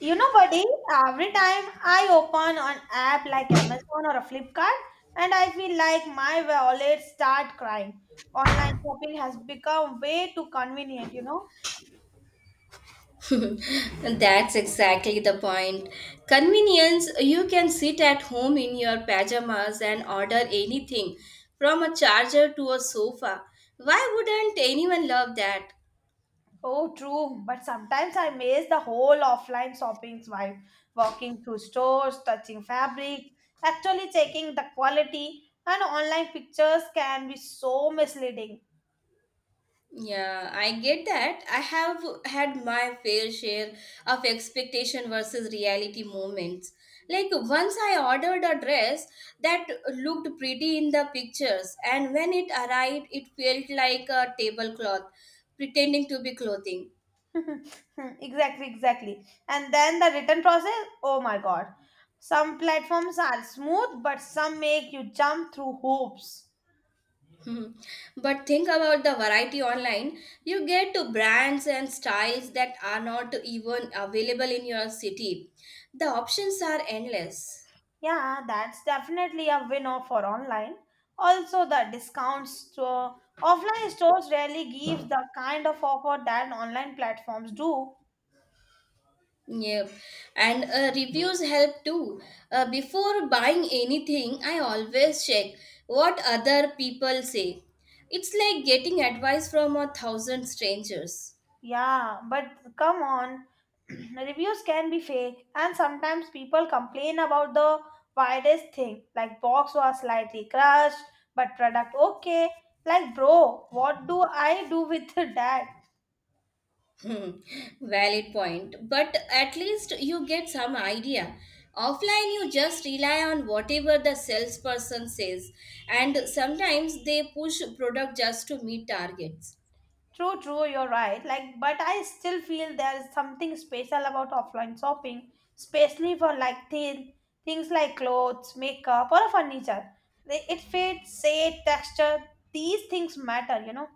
You know, buddy, every time I open an app like Amazon or a Flipkart, and I feel like my wallet start crying. Online shopping has become way too convenient, you know. That's exactly the point. Convenience, you can sit at home in your pajamas and order anything from a charger to a sofa. Why wouldn't anyone love that? Oh, true. But sometimes I miss the whole offline shopping vibe. Walking through stores, touching fabric, actually checking the quality, and online pictures can be so misleading. Yeah, I get that. I have had my fair share of expectation versus reality moments. Like once I ordered a dress that looked pretty in the pictures, and when it arrived, it felt like a tablecloth pretending to be clothing. Exactly, exactly, and then the return process, oh my god, some platforms are smooth but some make you jump through hoops. Mhm. But think about the variety online. You get to brands and styles that are not even available in your city. The options are endless. Yeah, that's definitely a winner for online. Also, the discount store, offline stores rarely gives the kind of offer that online platforms do. Yep. And reviews help too. Before buying anything, I always check what other people say. It's like getting advice from a thousand strangers. Yeah, but come on, reviews can be fake, and sometimes people complain about the weirdest thing, like box was slightly crushed, but product okay. Like, bro, what do I do with that? Hmm, Valid point. But at least you get some idea. Offline, you just rely on whatever the salesperson says, and sometimes they push product just to meet targets. True, true, you're right. Like, but I still feel there is something special about offline shopping, especially for like thin things like clothes, makeup, or furniture. It fits, shape, texture. These things matter, you know.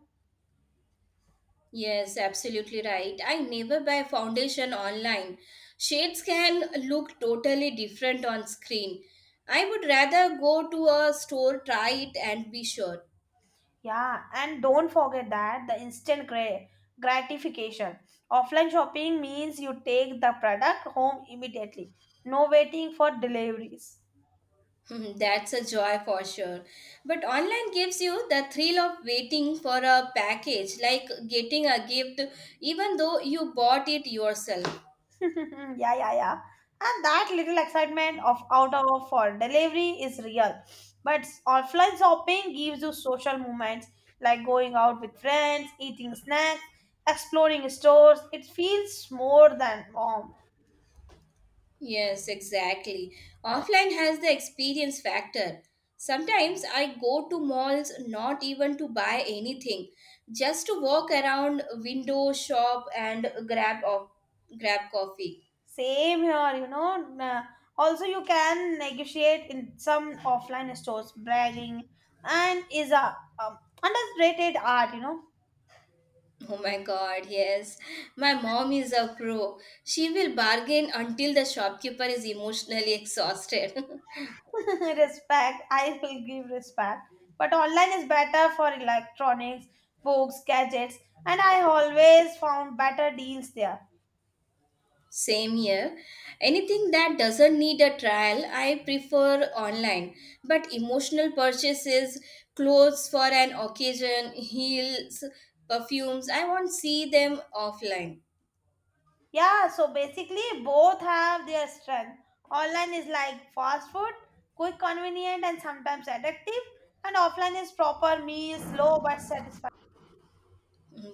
Yes, absolutely right. I never buy foundation online. Shades can look totally different on screen. I would rather go to a store, try it, and be sure. Yeah, and don't forget that the instant gratification. Offline shopping means you take the product home immediately. No waiting for deliveries. That's a joy for sure. But online gives you the thrill of waiting for a package, like getting a gift, even though you bought it yourself. Yeah, yeah, yeah. And that little excitement of out of for delivery is real. But offline shopping gives you social moments like going out with friends, eating snacks, exploring stores. It feels more than warm. Yes, exactly. Offline has the experience factor. Sometimes I go to malls not even to buy anything, just to walk around window shop and grab coffee. Same here, you know. Also, you can negotiate in some offline stores, bragging, and is a underrated art, you know. Oh my god, yes. My mom is a pro. She will bargain until the shopkeeper is emotionally exhausted. Respect, I will give respect, but online is better for electronics, books, gadgets, and I always found better deals there. Same here. Anything that doesn't need a trial, I prefer online. But emotional purchases, clothes for an occasion, heels, perfumes, I won't see them offline. Yeah, so basically, both have their strength. Online is like fast food, quick, convenient, and sometimes addictive, and offline is proper meals, slow but satisfying.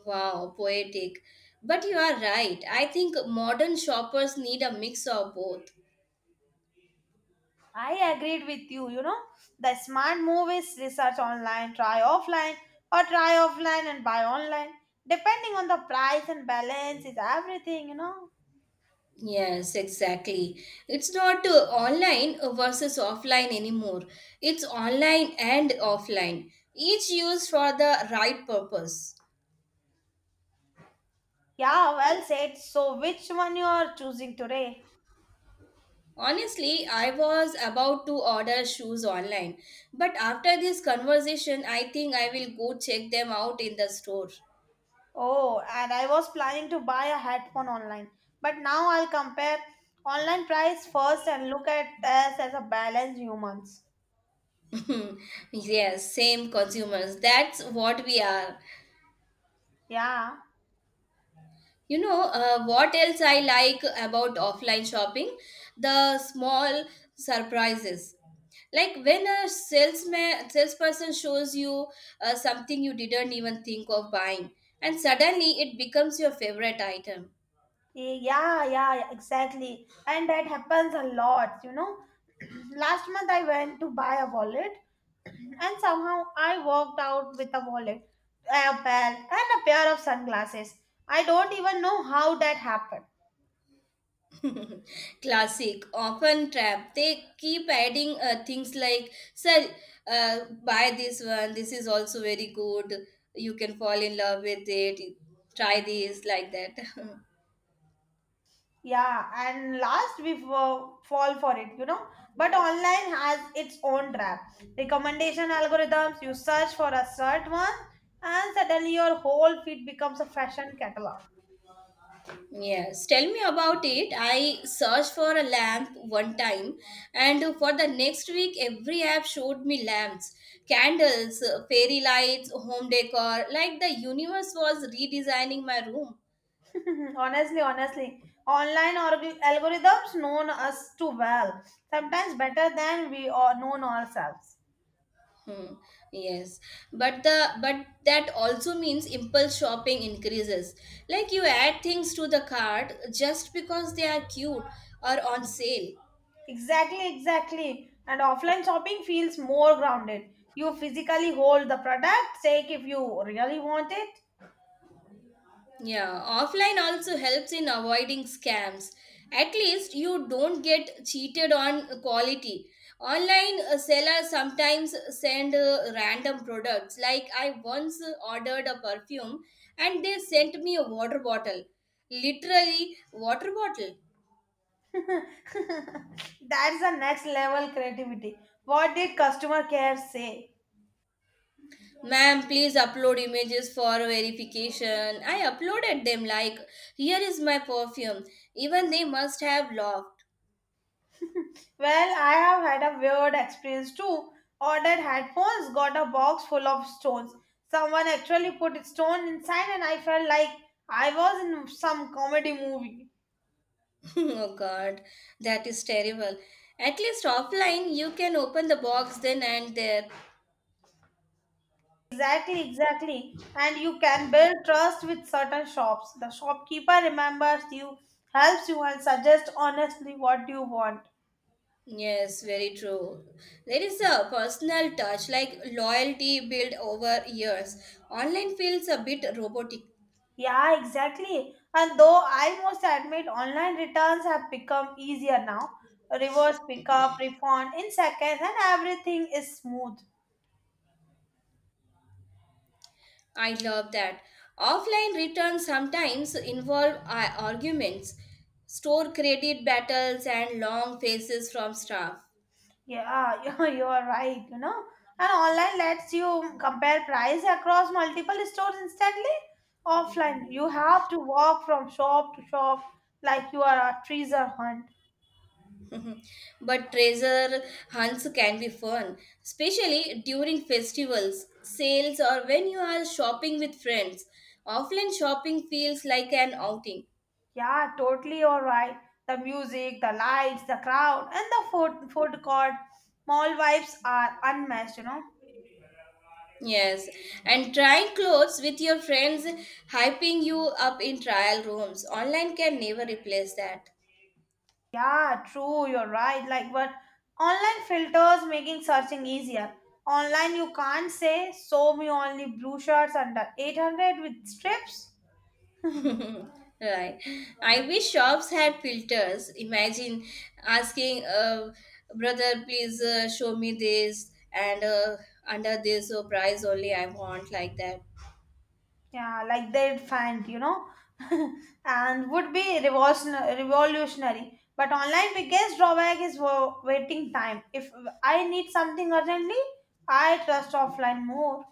Wow, poetic. But you are right. I think modern shoppers need a mix of both. I agreed with you. You know, the smart move is research online, try offline, or try offline and buy online. Depending on the price and balance is everything, you know. Yes, exactly. It's not online versus offline anymore. It's online and offline, each used for the right purpose. Yeah, well said. So, which one you are choosing today? Honestly, I was about to order shoes online, but after this conversation, I think I will go check them out in the store. Oh, and I was planning to buy a headphone online, but now I'll compare online price first and look at us as a balanced humans. Yes, same consumers. That's what we are. Yeah. You know, what else I like about offline shopping? The small surprises. Like when a salesperson shows you something you didn't even think of buying, and suddenly it becomes your favorite item. Yeah, yeah, yeah, exactly. And that happens a lot, you know. Last month I went to buy a wallet and somehow I walked out with a wallet, a belt, and a pair of sunglasses. I don't even know how that happened. Classic, often trap. They keep adding things like, sir, buy this one, this is also very good, you can fall in love with it, try this, like that. Yeah, and last we fall for it, you know. But online has its own trap. Recommendation algorithms, you search for a certain one, and suddenly your whole feed becomes a fashion catalog. Yes, tell me about it. I searched for a lamp one time, and for the next week, every app showed me lamps, candles, fairy lights, home decor. Like the universe was redesigning my room. Mhm. Honestly, honestly, online algorithms known us too well, sometimes better than we are known ourselves. Hmm. Yes, but that also means impulse shopping increases. Like you add things to the cart just because they are cute or on sale. Exactly, exactly. And offline shopping feels more grounded. You physically hold the product, check if you really want it. Yeah, offline also helps in avoiding scams. At least you don't get cheated on quality. Online sellers sometimes send random products. Like I once ordered a perfume and they sent me a water bottle. Literally, water bottle. That's the next level creativity. What did customer care say? Ma'am, please upload images for verification. I uploaded them like, here is my perfume. Even they must have laughed. Well, I have had a weird experience too. Ordered headphones, got a box full of stones. Someone actually put a stone inside, and I felt like I was in some comedy movie. Oh god, that is terrible. At least offline, you can open the box then and there. Exactly, exactly. And you can build trust with certain shops. The shopkeeper remembers you, helps you, and suggests honestly what you want. Yes, very true. There is a personal touch, like loyalty built over years. Online feels a bit robotic. Yeah, exactly. And though I must admit online returns have become easier now. Reverse pickup, refund in seconds, and everything is smooth. I love that. Offline returns sometimes involve arguments, store credit battles, and long faces from staff. Yeah, you are right, you know. And online lets you compare price across multiple stores instantly. Offline, you have to walk from shop to shop like you are a treasure hunt. Mhm. But treasure hunts can be fun, especially during festivals, sales, or when you are shopping with friends. Offline shopping feels like an outing. Yeah, totally all right. The music, the lights, the crowd, and the food court mall vibes are unmatched, you know. Yes, and trying clothes with your friends, hyping you up in trial rooms. Online can never replace that. Yeah, true, you're right. Like, but online filters making searching easier. Online, you can't say, show me only blue shirts under 800 with strips. Right. I wish shops had filters. Imagine asking, brother, please show me this, and under this price only I want like that. Yeah, like they'd find, you know, and would be revolutionary. But online biggest drawback is waiting time. If I need something urgently, I trust offline more.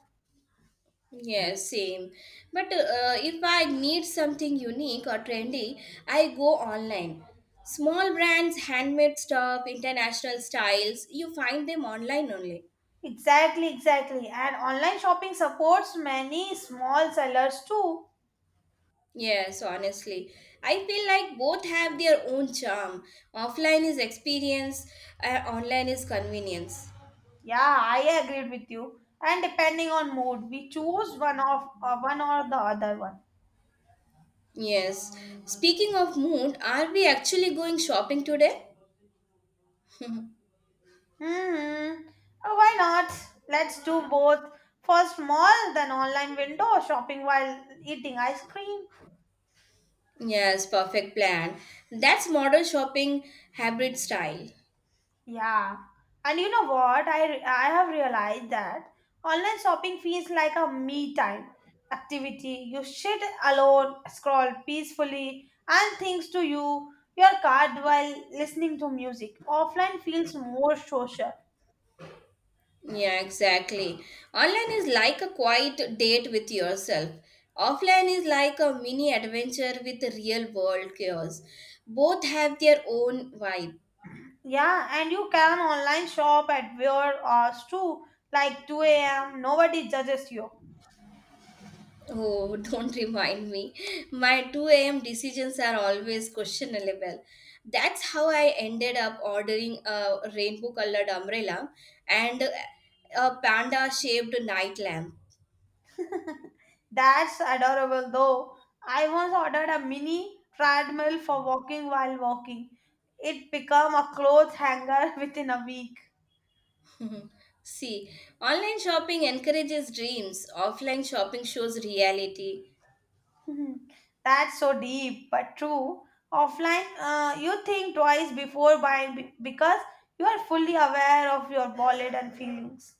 Yeah, same. But if I need something unique or trendy, I go online. Small brands, handmade stuff, international styles, you find them online only. Exactly, exactly. And online shopping supports many small sellers too. Yes, honestly. I feel like both have their own charm. Offline is experience, and online is convenience. Yeah, I agreed with you. And depending on mood, we choose one of one or the other one. Yes. Speaking of mood, are we actually going shopping today? Hmm. Oh, why not? Let's do both. First mall, then online window shopping while eating ice cream. Yes, perfect plan. That's modern shopping hybrid style. Yeah. And you know what? I have realized that online shopping feels like a me time activity. You sit alone, scroll peacefully, and things to you your card while listening to music. Offline feels more social. Yeah, exactly. Online is like a quiet date with yourself. Offline is like a mini adventure with the real world chaos. Both have their own vibe. Yeah, and you can online shop at your hours too, like 2 a.m. Nobody judges you. Oh, don't remind me. My 2 a.m. decisions are always questionable. That's how I ended up ordering a rainbow colored umbrella and a panda shaped night lamp. That's adorable though. I once ordered a mini treadmill for walking while walking. It became a clothes hanger within a week. See, online shopping encourages dreams, offline shopping shows reality. That's so deep but true. Offline, you think twice before buying because you are fully aware of your wallet and feelings.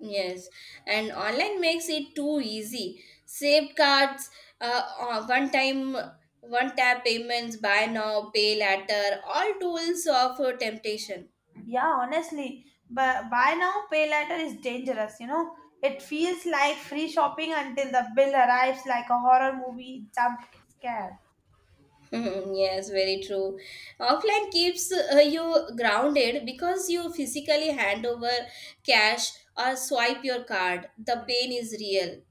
Yes, and online makes it too easy. Save cards, one time, one tap payments, buy now, pay later, all tools of temptation. Yeah, honestly, but buy now, pay later is dangerous, you know. It feels like free shopping until the bill arrives like a horror movie jump scare. Mhm, yes, very true. Offline keeps you grounded because you physically hand over cash or swipe your card. The pain is real.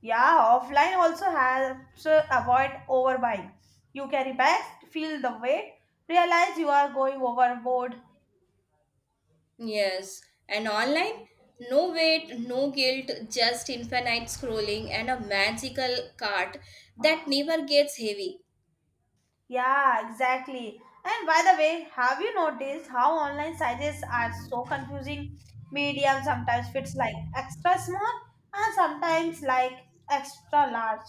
Yeah, offline also helps to avoid overbuying. You carry bags, feel the weight, realize you are going overboard. Yes, and online, no wait, no guilt, just infinite scrolling and a magical cart that never gets heavy. Yeah, exactly. And by the way, have you noticed how online sizes are so confusing? Medium sometimes fits like extra small and sometimes like extra large.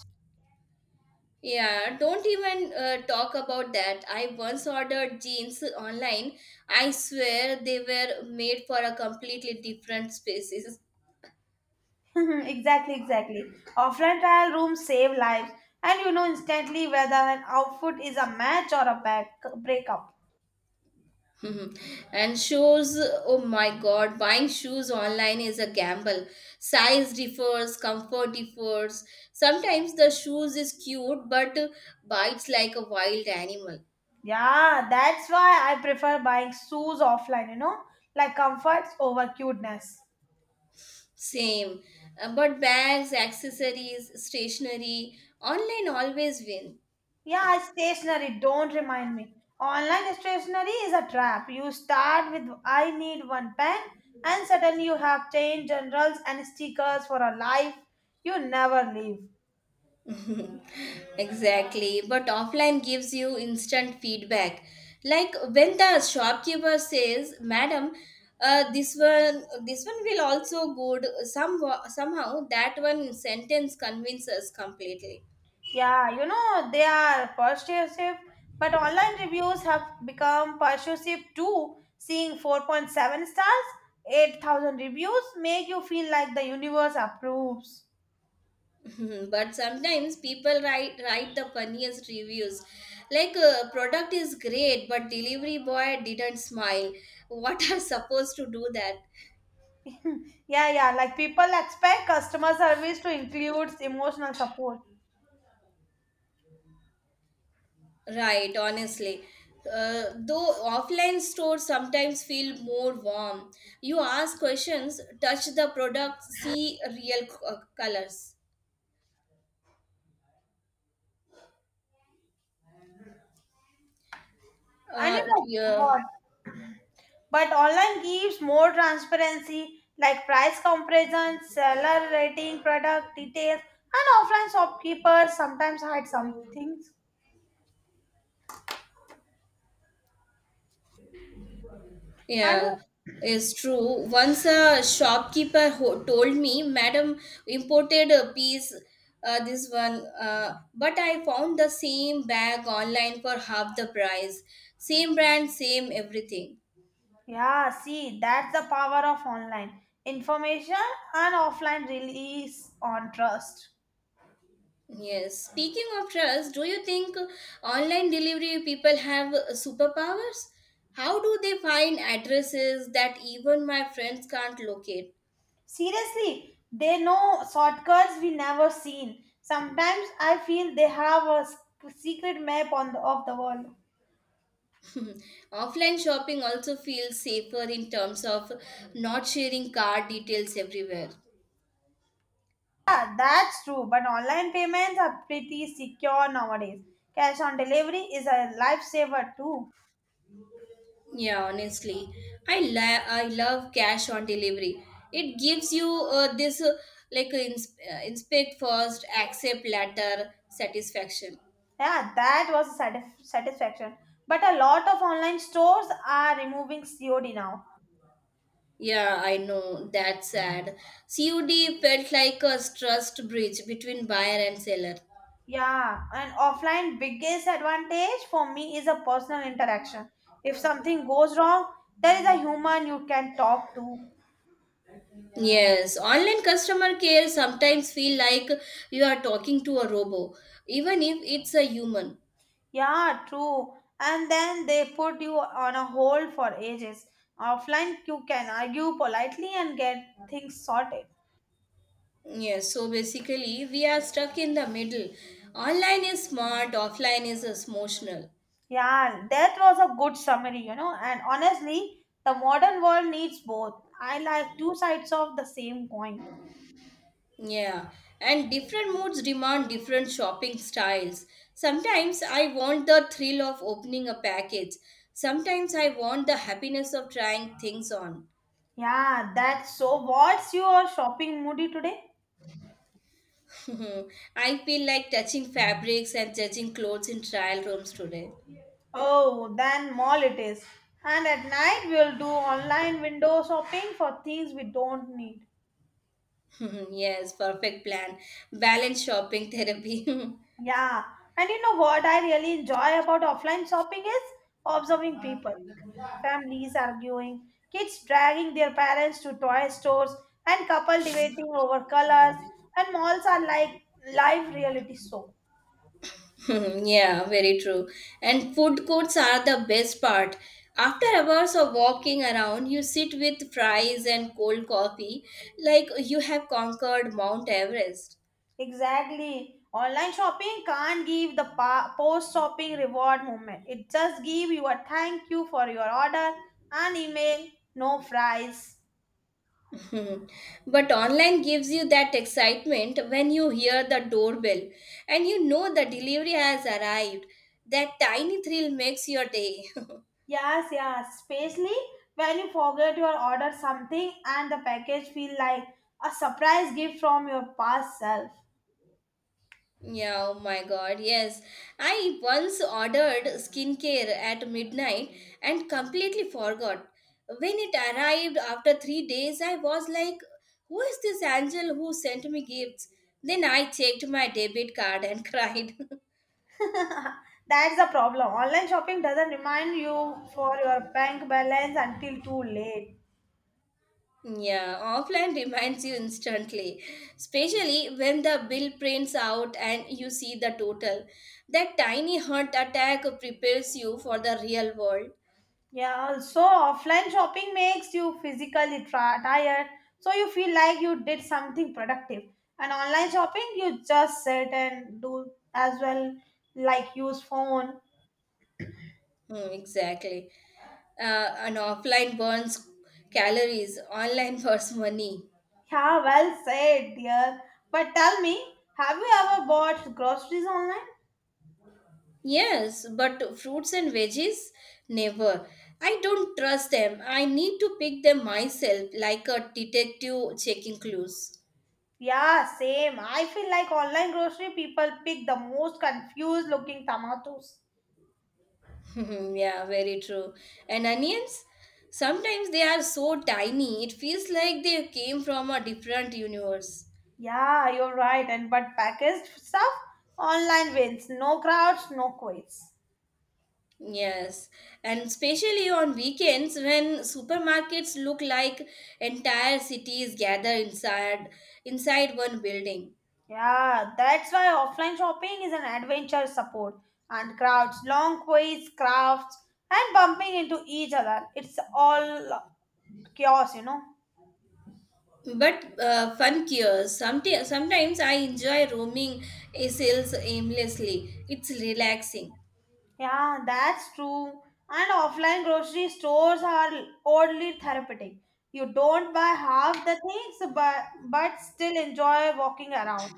Yeah, don't even talk about that. I once ordered jeans online. I swear they were made for a completely different spaces. Mhm, exactly, exactly. Offline trial rooms save lives, and you know instantly whether an outfit is a match or a back breakup. Mhm. And shoes, oh my God, buying shoes online is a gamble. Size differs, comfort differs. Sometimes the shoes is cute but bites like a wild animal. Yeah, that's why I prefer buying shoes offline. You know, like comforts over cuteness. Same. But bags, accessories, stationery, online always win. Yeah, stationery. Don't remind me. Online stationery is a trap. You start with I need one pen, and suddenly you have ten generals and stickers for a life you never leave. Exactly, but offline gives you instant feedback. Like when the shopkeeper says, "Madam, this one will also good." Somehow that one sentence convinces completely. Yeah, you know, they are persuasive, but online reviews have become persuasive too. Seeing 4.7 stars, 8,000 reviews make you feel like the universe approves. Mhm. But sometimes people write the funniest reviews, like product is great, but delivery boy didn't smile. What are supposed to do that? Yeah, yeah, like people expect customer service to include emotional support. Right, honestly. Though offline stores sometimes feel more warm. You ask questions, touch the product, see real colors. And you know Yeah, what? But online gives more transparency like price comparison, seller rating, product details, and offline shopkeepers sometimes hide some things. And yeah, it's true. Once a shopkeeper told me, Madam imported a piece, this one, but I found the same bag online for half the price. Same brand, same everything. yeah, see, that's the power of online. Information and offline release on trust. Yes. Speaking of trust, do you think online delivery people have superpowers? How do they find addresses that even my friends can't locate? Seriously, they know shortcuts we never seen. Sometimes I feel they have a secret map on of the world. Offline shopping also feels safer in terms of not sharing card details everywhere. Yeah, that's true, but online payments are pretty secure nowadays. Cash on delivery is a lifesaver too. Yeah, honestly, I love cash on delivery. It gives you this like inspect first, accept later satisfaction. Yeah, that was a satisfaction. But a lot of online stores are removing COD now. Yeah, I know. That's sad. COD felt like a trust bridge between buyer and seller. Yeah, and offline biggest advantage for me is a personal interaction. If something goes wrong, there is a human you can talk to. Yes, online customer care sometimes feel like you are talking to a robot, even if it's a human. Yeah, true. And then they put you on a hold for ages. Offline, you can argue politely and get things sorted. Yes, so basically we are stuck in the middle. Online is smart, offline is emotional. Yeah, that was a good summary, you know. And honestly, the modern world needs both. I like two sides of the same coin. Yeah, and different moods demand different shopping styles. Sometimes I want the thrill of opening a package. Sometimes I want the happiness of trying things on. Yeah, that's so. What's your shopping moody today? I feel like touching fabrics and judging clothes in trial rooms today. Oh, then mall it is. And at night we'll do online window shopping for things we don't need. Yes, perfect plan. Balance shopping therapy. Yeah. And you know what I really enjoy about offline shopping is observing people. Families arguing, kids dragging their parents to toy stores, and couple debating over colors. And malls are like live reality show. Yeah, very true. And food courts are the best part. After hours of walking around, you sit with fries and cold coffee like you have conquered Mount Everest. Exactly. Online shopping can't give the post shopping reward moment. It just give you a thank you for your order, an email, no fries. Hmm. But online gives you that excitement when you hear the doorbell and you know the delivery has arrived. That tiny thrill makes your day. Yes, yes. Especially when you forget your order something and the package feel like a surprise gift from your past self. Yeah, oh my god, yes. I once ordered skincare at midnight and completely forgot. When it arrived after 3 days, I was like, who is this angel who sent me gifts? Then I checked my debit card and cried. That's the problem. Online shopping doesn't remind you for your bank balance until too late. Yeah, offline reminds you instantly, especially when the bill prints out and you see the total. That tiny heart attack prepares you for the real world. Yeah, also offline shopping makes you physically tired, so you feel like you did something productive. And online shopping, you just sit and do as well, like use phone. Hmm, exactly. An offline burns calories, online burns money. Yeah, well said, dear. But tell me, have you ever bought groceries online? Yes, but fruits and veggies, never. I don't trust them. I need to pick them myself, like a detective checking clues. Yeah, same. I feel like online grocery people pick the most confused looking tomatoes. Yeah, very true. And onions? Sometimes they are so tiny, it feels like they came from a different universe. Yeah, you're right. And but packaged stuff online wins. No crowds, no quiz. Yes, and especially on weekends when supermarkets look like entire cities gather inside one building. Yeah, that's why offline shopping is an adventure support and crowds, long queues, crafts, and bumping into each other. It's all chaos, you know. But fun cures. Sometimes I enjoy roaming sales aimlessly. It's relaxing. Yeah, that's true. And offline grocery stores are oddly therapeutic. You don't buy half the things, but still enjoy walking around.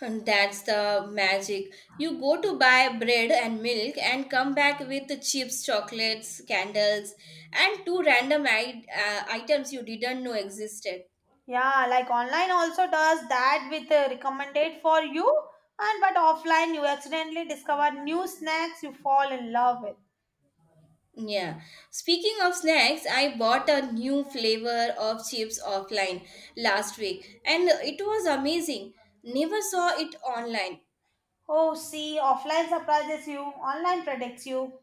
And that's the magic. You go to buy bread and milk and come back with the chips, chocolates, candles, and two random items you didn't know existed. Yeah, like online also does that with recommended for you, and but offline you accidentally discover new snacks you fall in love with. Yeah. Speaking of snacks, I bought a new flavor of chips offline last week and it was amazing. Never saw it online. Oh, see, offline surprises you, online predicts you.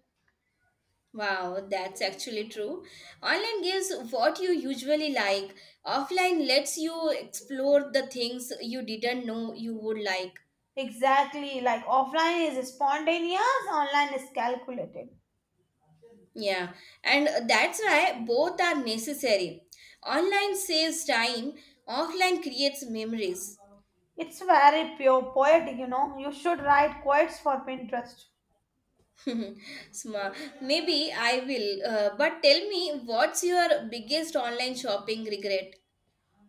Wow, that's actually true. Online gives what you usually like. Offline lets you explore the things you didn't know you would like. Exactly, like offline is spontaneous, online is calculated. Yeah, and that's why both are necessary. Online saves time, offline creates memories. It's very pure poetic, you know. You should write quotes for Pinterest. Smart. Maybe I will. But tell me, what's your biggest online shopping regret?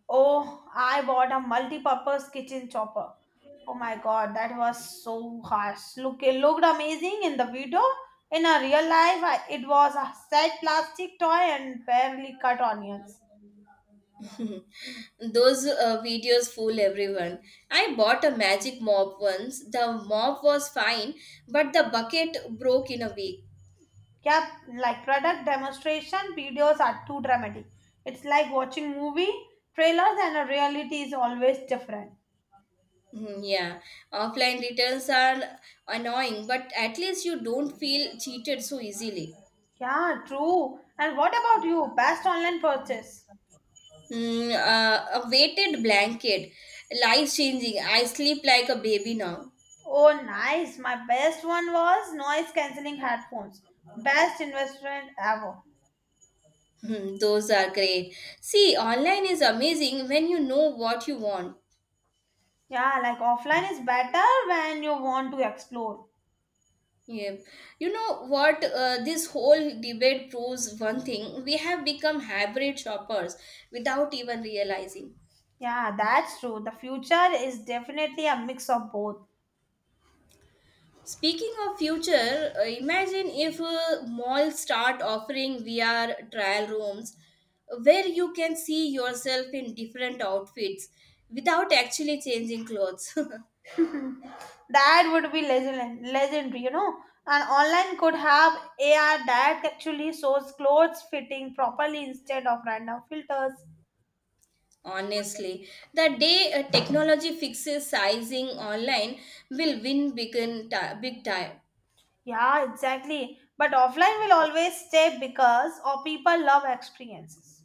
Oh, I bought a multi-purpose kitchen chopper. Oh my god, that was so harsh. Look, it looked amazing in the video. In a real life, it was a sad plastic toy and barely cut onions. Those videos fool everyone. I bought a magic mop once. The mop was fine, but the bucket broke in a week. Yeah, like product demonstration videos are too dramatic. It's like watching movie trailers and the reality is always different. Hmm, yeah, offline returns are annoying, but at least you don't feel cheated so easily. Yeah, true. And what about you? Best online purchase? Hmm. A weighted blanket, life changing. I sleep like a baby now. Oh, nice. My best one was noise cancelling headphones. Best investment ever. Hmm. Those are great. See, online is amazing when you know what you want. Yeah, like offline is better when you want to explore. Yeah. You know what? This whole debate proves one thing we have become hybrid shoppers without even realizing. Yeah, that's true. The future is definitely a mix of both. Speaking of future, imagine if malls start offering VR trial rooms where you can see yourself in different outfits without actually changing clothes. That would be legendary, you know. And online could have AR that actually shows clothes fitting properly instead of random filters. Honestly, the day technology fixes sizing online will win big, big time. Yeah, exactly. But offline will always stay because or people love experiences.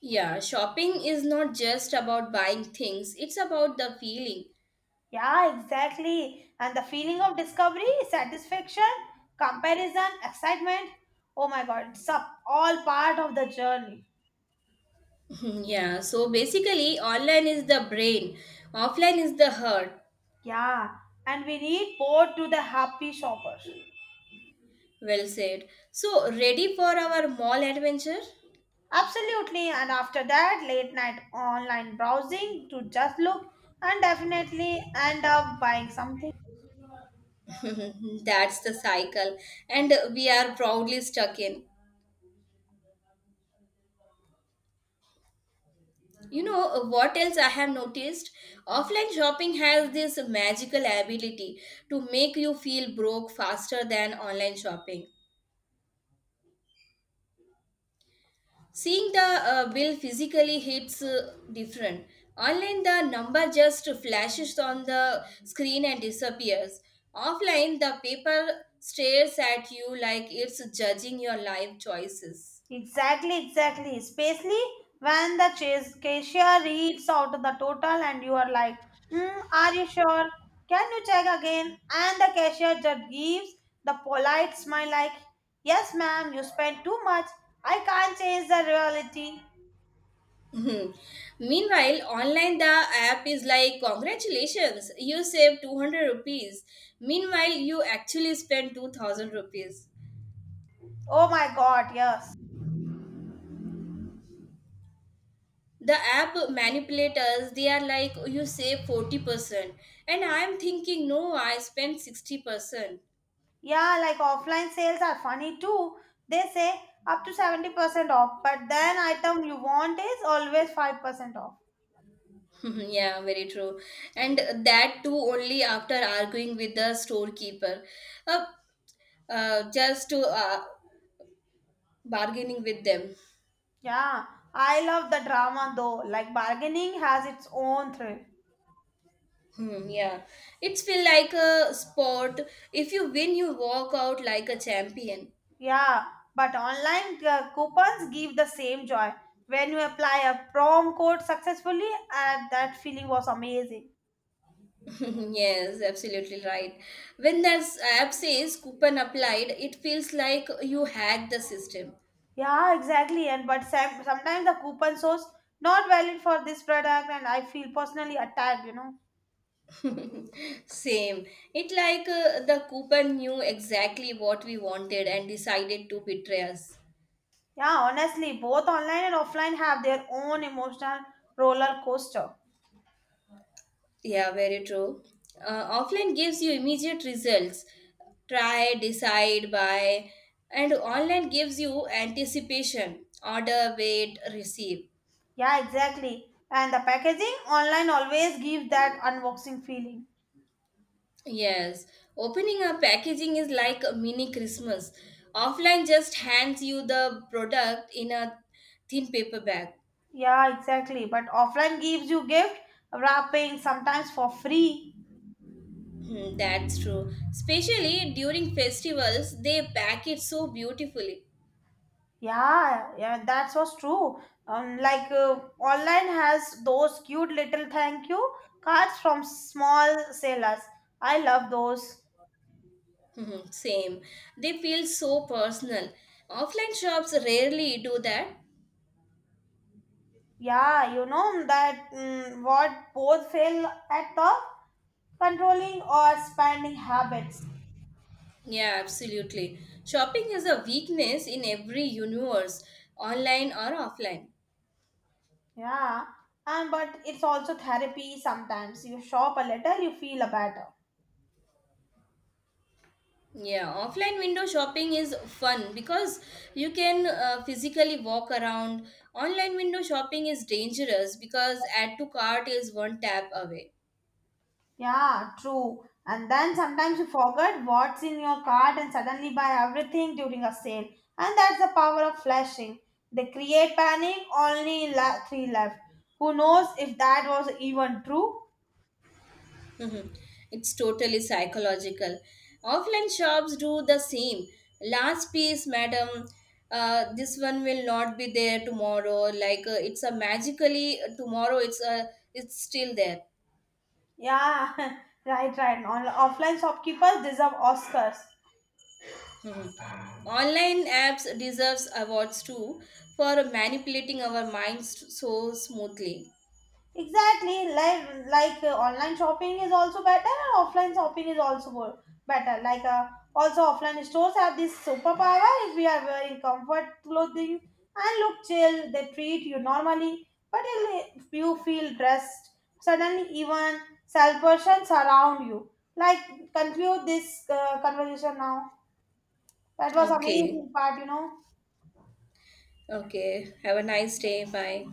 Yeah, shopping is not just about buying things, it's about the feeling. Yeah, exactly. And the feeling of discovery, satisfaction, comparison, excitement. Oh my god, it's up all part of the journey. Yeah, so basically, online is the brain, offline is the heart. Yeah, and we need both to the happy shoppers. Well said. So, ready for our mall adventure? Absolutely, and after that, late night online browsing to just look and definitely end up buying something. That's the cycle, and we are proudly stuck in. You know what else I have noticed? Offline shopping has this magical ability to make you feel broke faster than online shopping. Seeing the bill physically hits different. Online, the number just flashes on the screen and disappears. Offline, the paper stares at you like it's judging your life choices. Exactly, exactly. Especially when the chase cashier reads out the total and you are like, mm, are you sure? Can you check again? And the cashier just gives the polite smile, like, yes, ma'am, you spent too much. I can't change the reality. Mhm. Meanwhile, online the app is like congratulations, you saved 200 rupees. Meanwhile, you actually spent 2000 rupees. Oh my god, yes. The app manipulators, they are like you save 40% and I am thinking no, I spent 60%. Yeah, like offline sales are funny too. They say up to 70% off, but then item you want is always 5% off. Yeah, very true. And that too only after arguing with the storekeeper. Uh, just to bargaining with them. Yeah, I love the drama though. Like bargaining has its own thrill. Hmm, yeah, it's feel like a sport. If you win, you walk out like a champion. Yeah, but online coupons give the same joy. When you apply a prom code successfully, and that feeling was amazing. Yes, absolutely right. When that app says coupon applied, it feels like you hacked the system. Yeah, exactly. And but sometimes the coupon shows not valid for this product, and I feel personally attacked, you know. Same. It like the coupon knew exactly what we wanted and decided to betray us. Yeah, honestly, both online and offline have their own emotional roller coaster. Yeah, very true. Offline gives you immediate results. Try, decide, buy, and online gives you anticipation. Order, wait, receive. Yeah, exactly. And the packaging online always gives that unboxing feeling. Yes, opening a packaging is like a mini Christmas. Offline just hands you the product in a thin paper bag. Yeah, exactly. But offline gives you gift wrapping sometimes for free. Hmm, that's true. Especially during festivals, they pack it so beautifully. Yeah, yeah, that was true. Like online has those cute little thank you cards from small sellers. I love those. Mhm, same. They feel so personal. Offline shops rarely do that. Yeah, you know that mm, what both fail at the controlling or spending habits. Yeah, absolutely. Shopping is a weakness in every universe, online or offline. Yeah, and but it's also therapy sometimes. You shop a little, you feel a better. Yeah, offline window shopping is fun because you can physically walk around. Online window shopping is dangerous because add to cart is one tap away. Yeah, true. And then sometimes you forget what's in your cart and suddenly buy everything during a sale. And that's the power of flashing. They create panic, only three left. Who knows if that was even true? Mhm. It's totally psychological. Offline shops do the same. Last piece, madam. This one will not be there tomorrow. Like it's a magically tomorrow. It's still there. Yeah, right, right. On, offline shopkeepers deserve Oscars. Mhm. Online apps deserves awards too for manipulating our minds so smoothly. Exactly, like online shopping is also better, and offline shopping is also better. Like also offline stores have this superpower. If we are wearing comfort clothing and look chill, they treat you normally. But if you feel dressed, suddenly even self persons around you. Like conclude this conversation now. That was Okay. amazing part, you know. Okay. Have a nice day. Bye.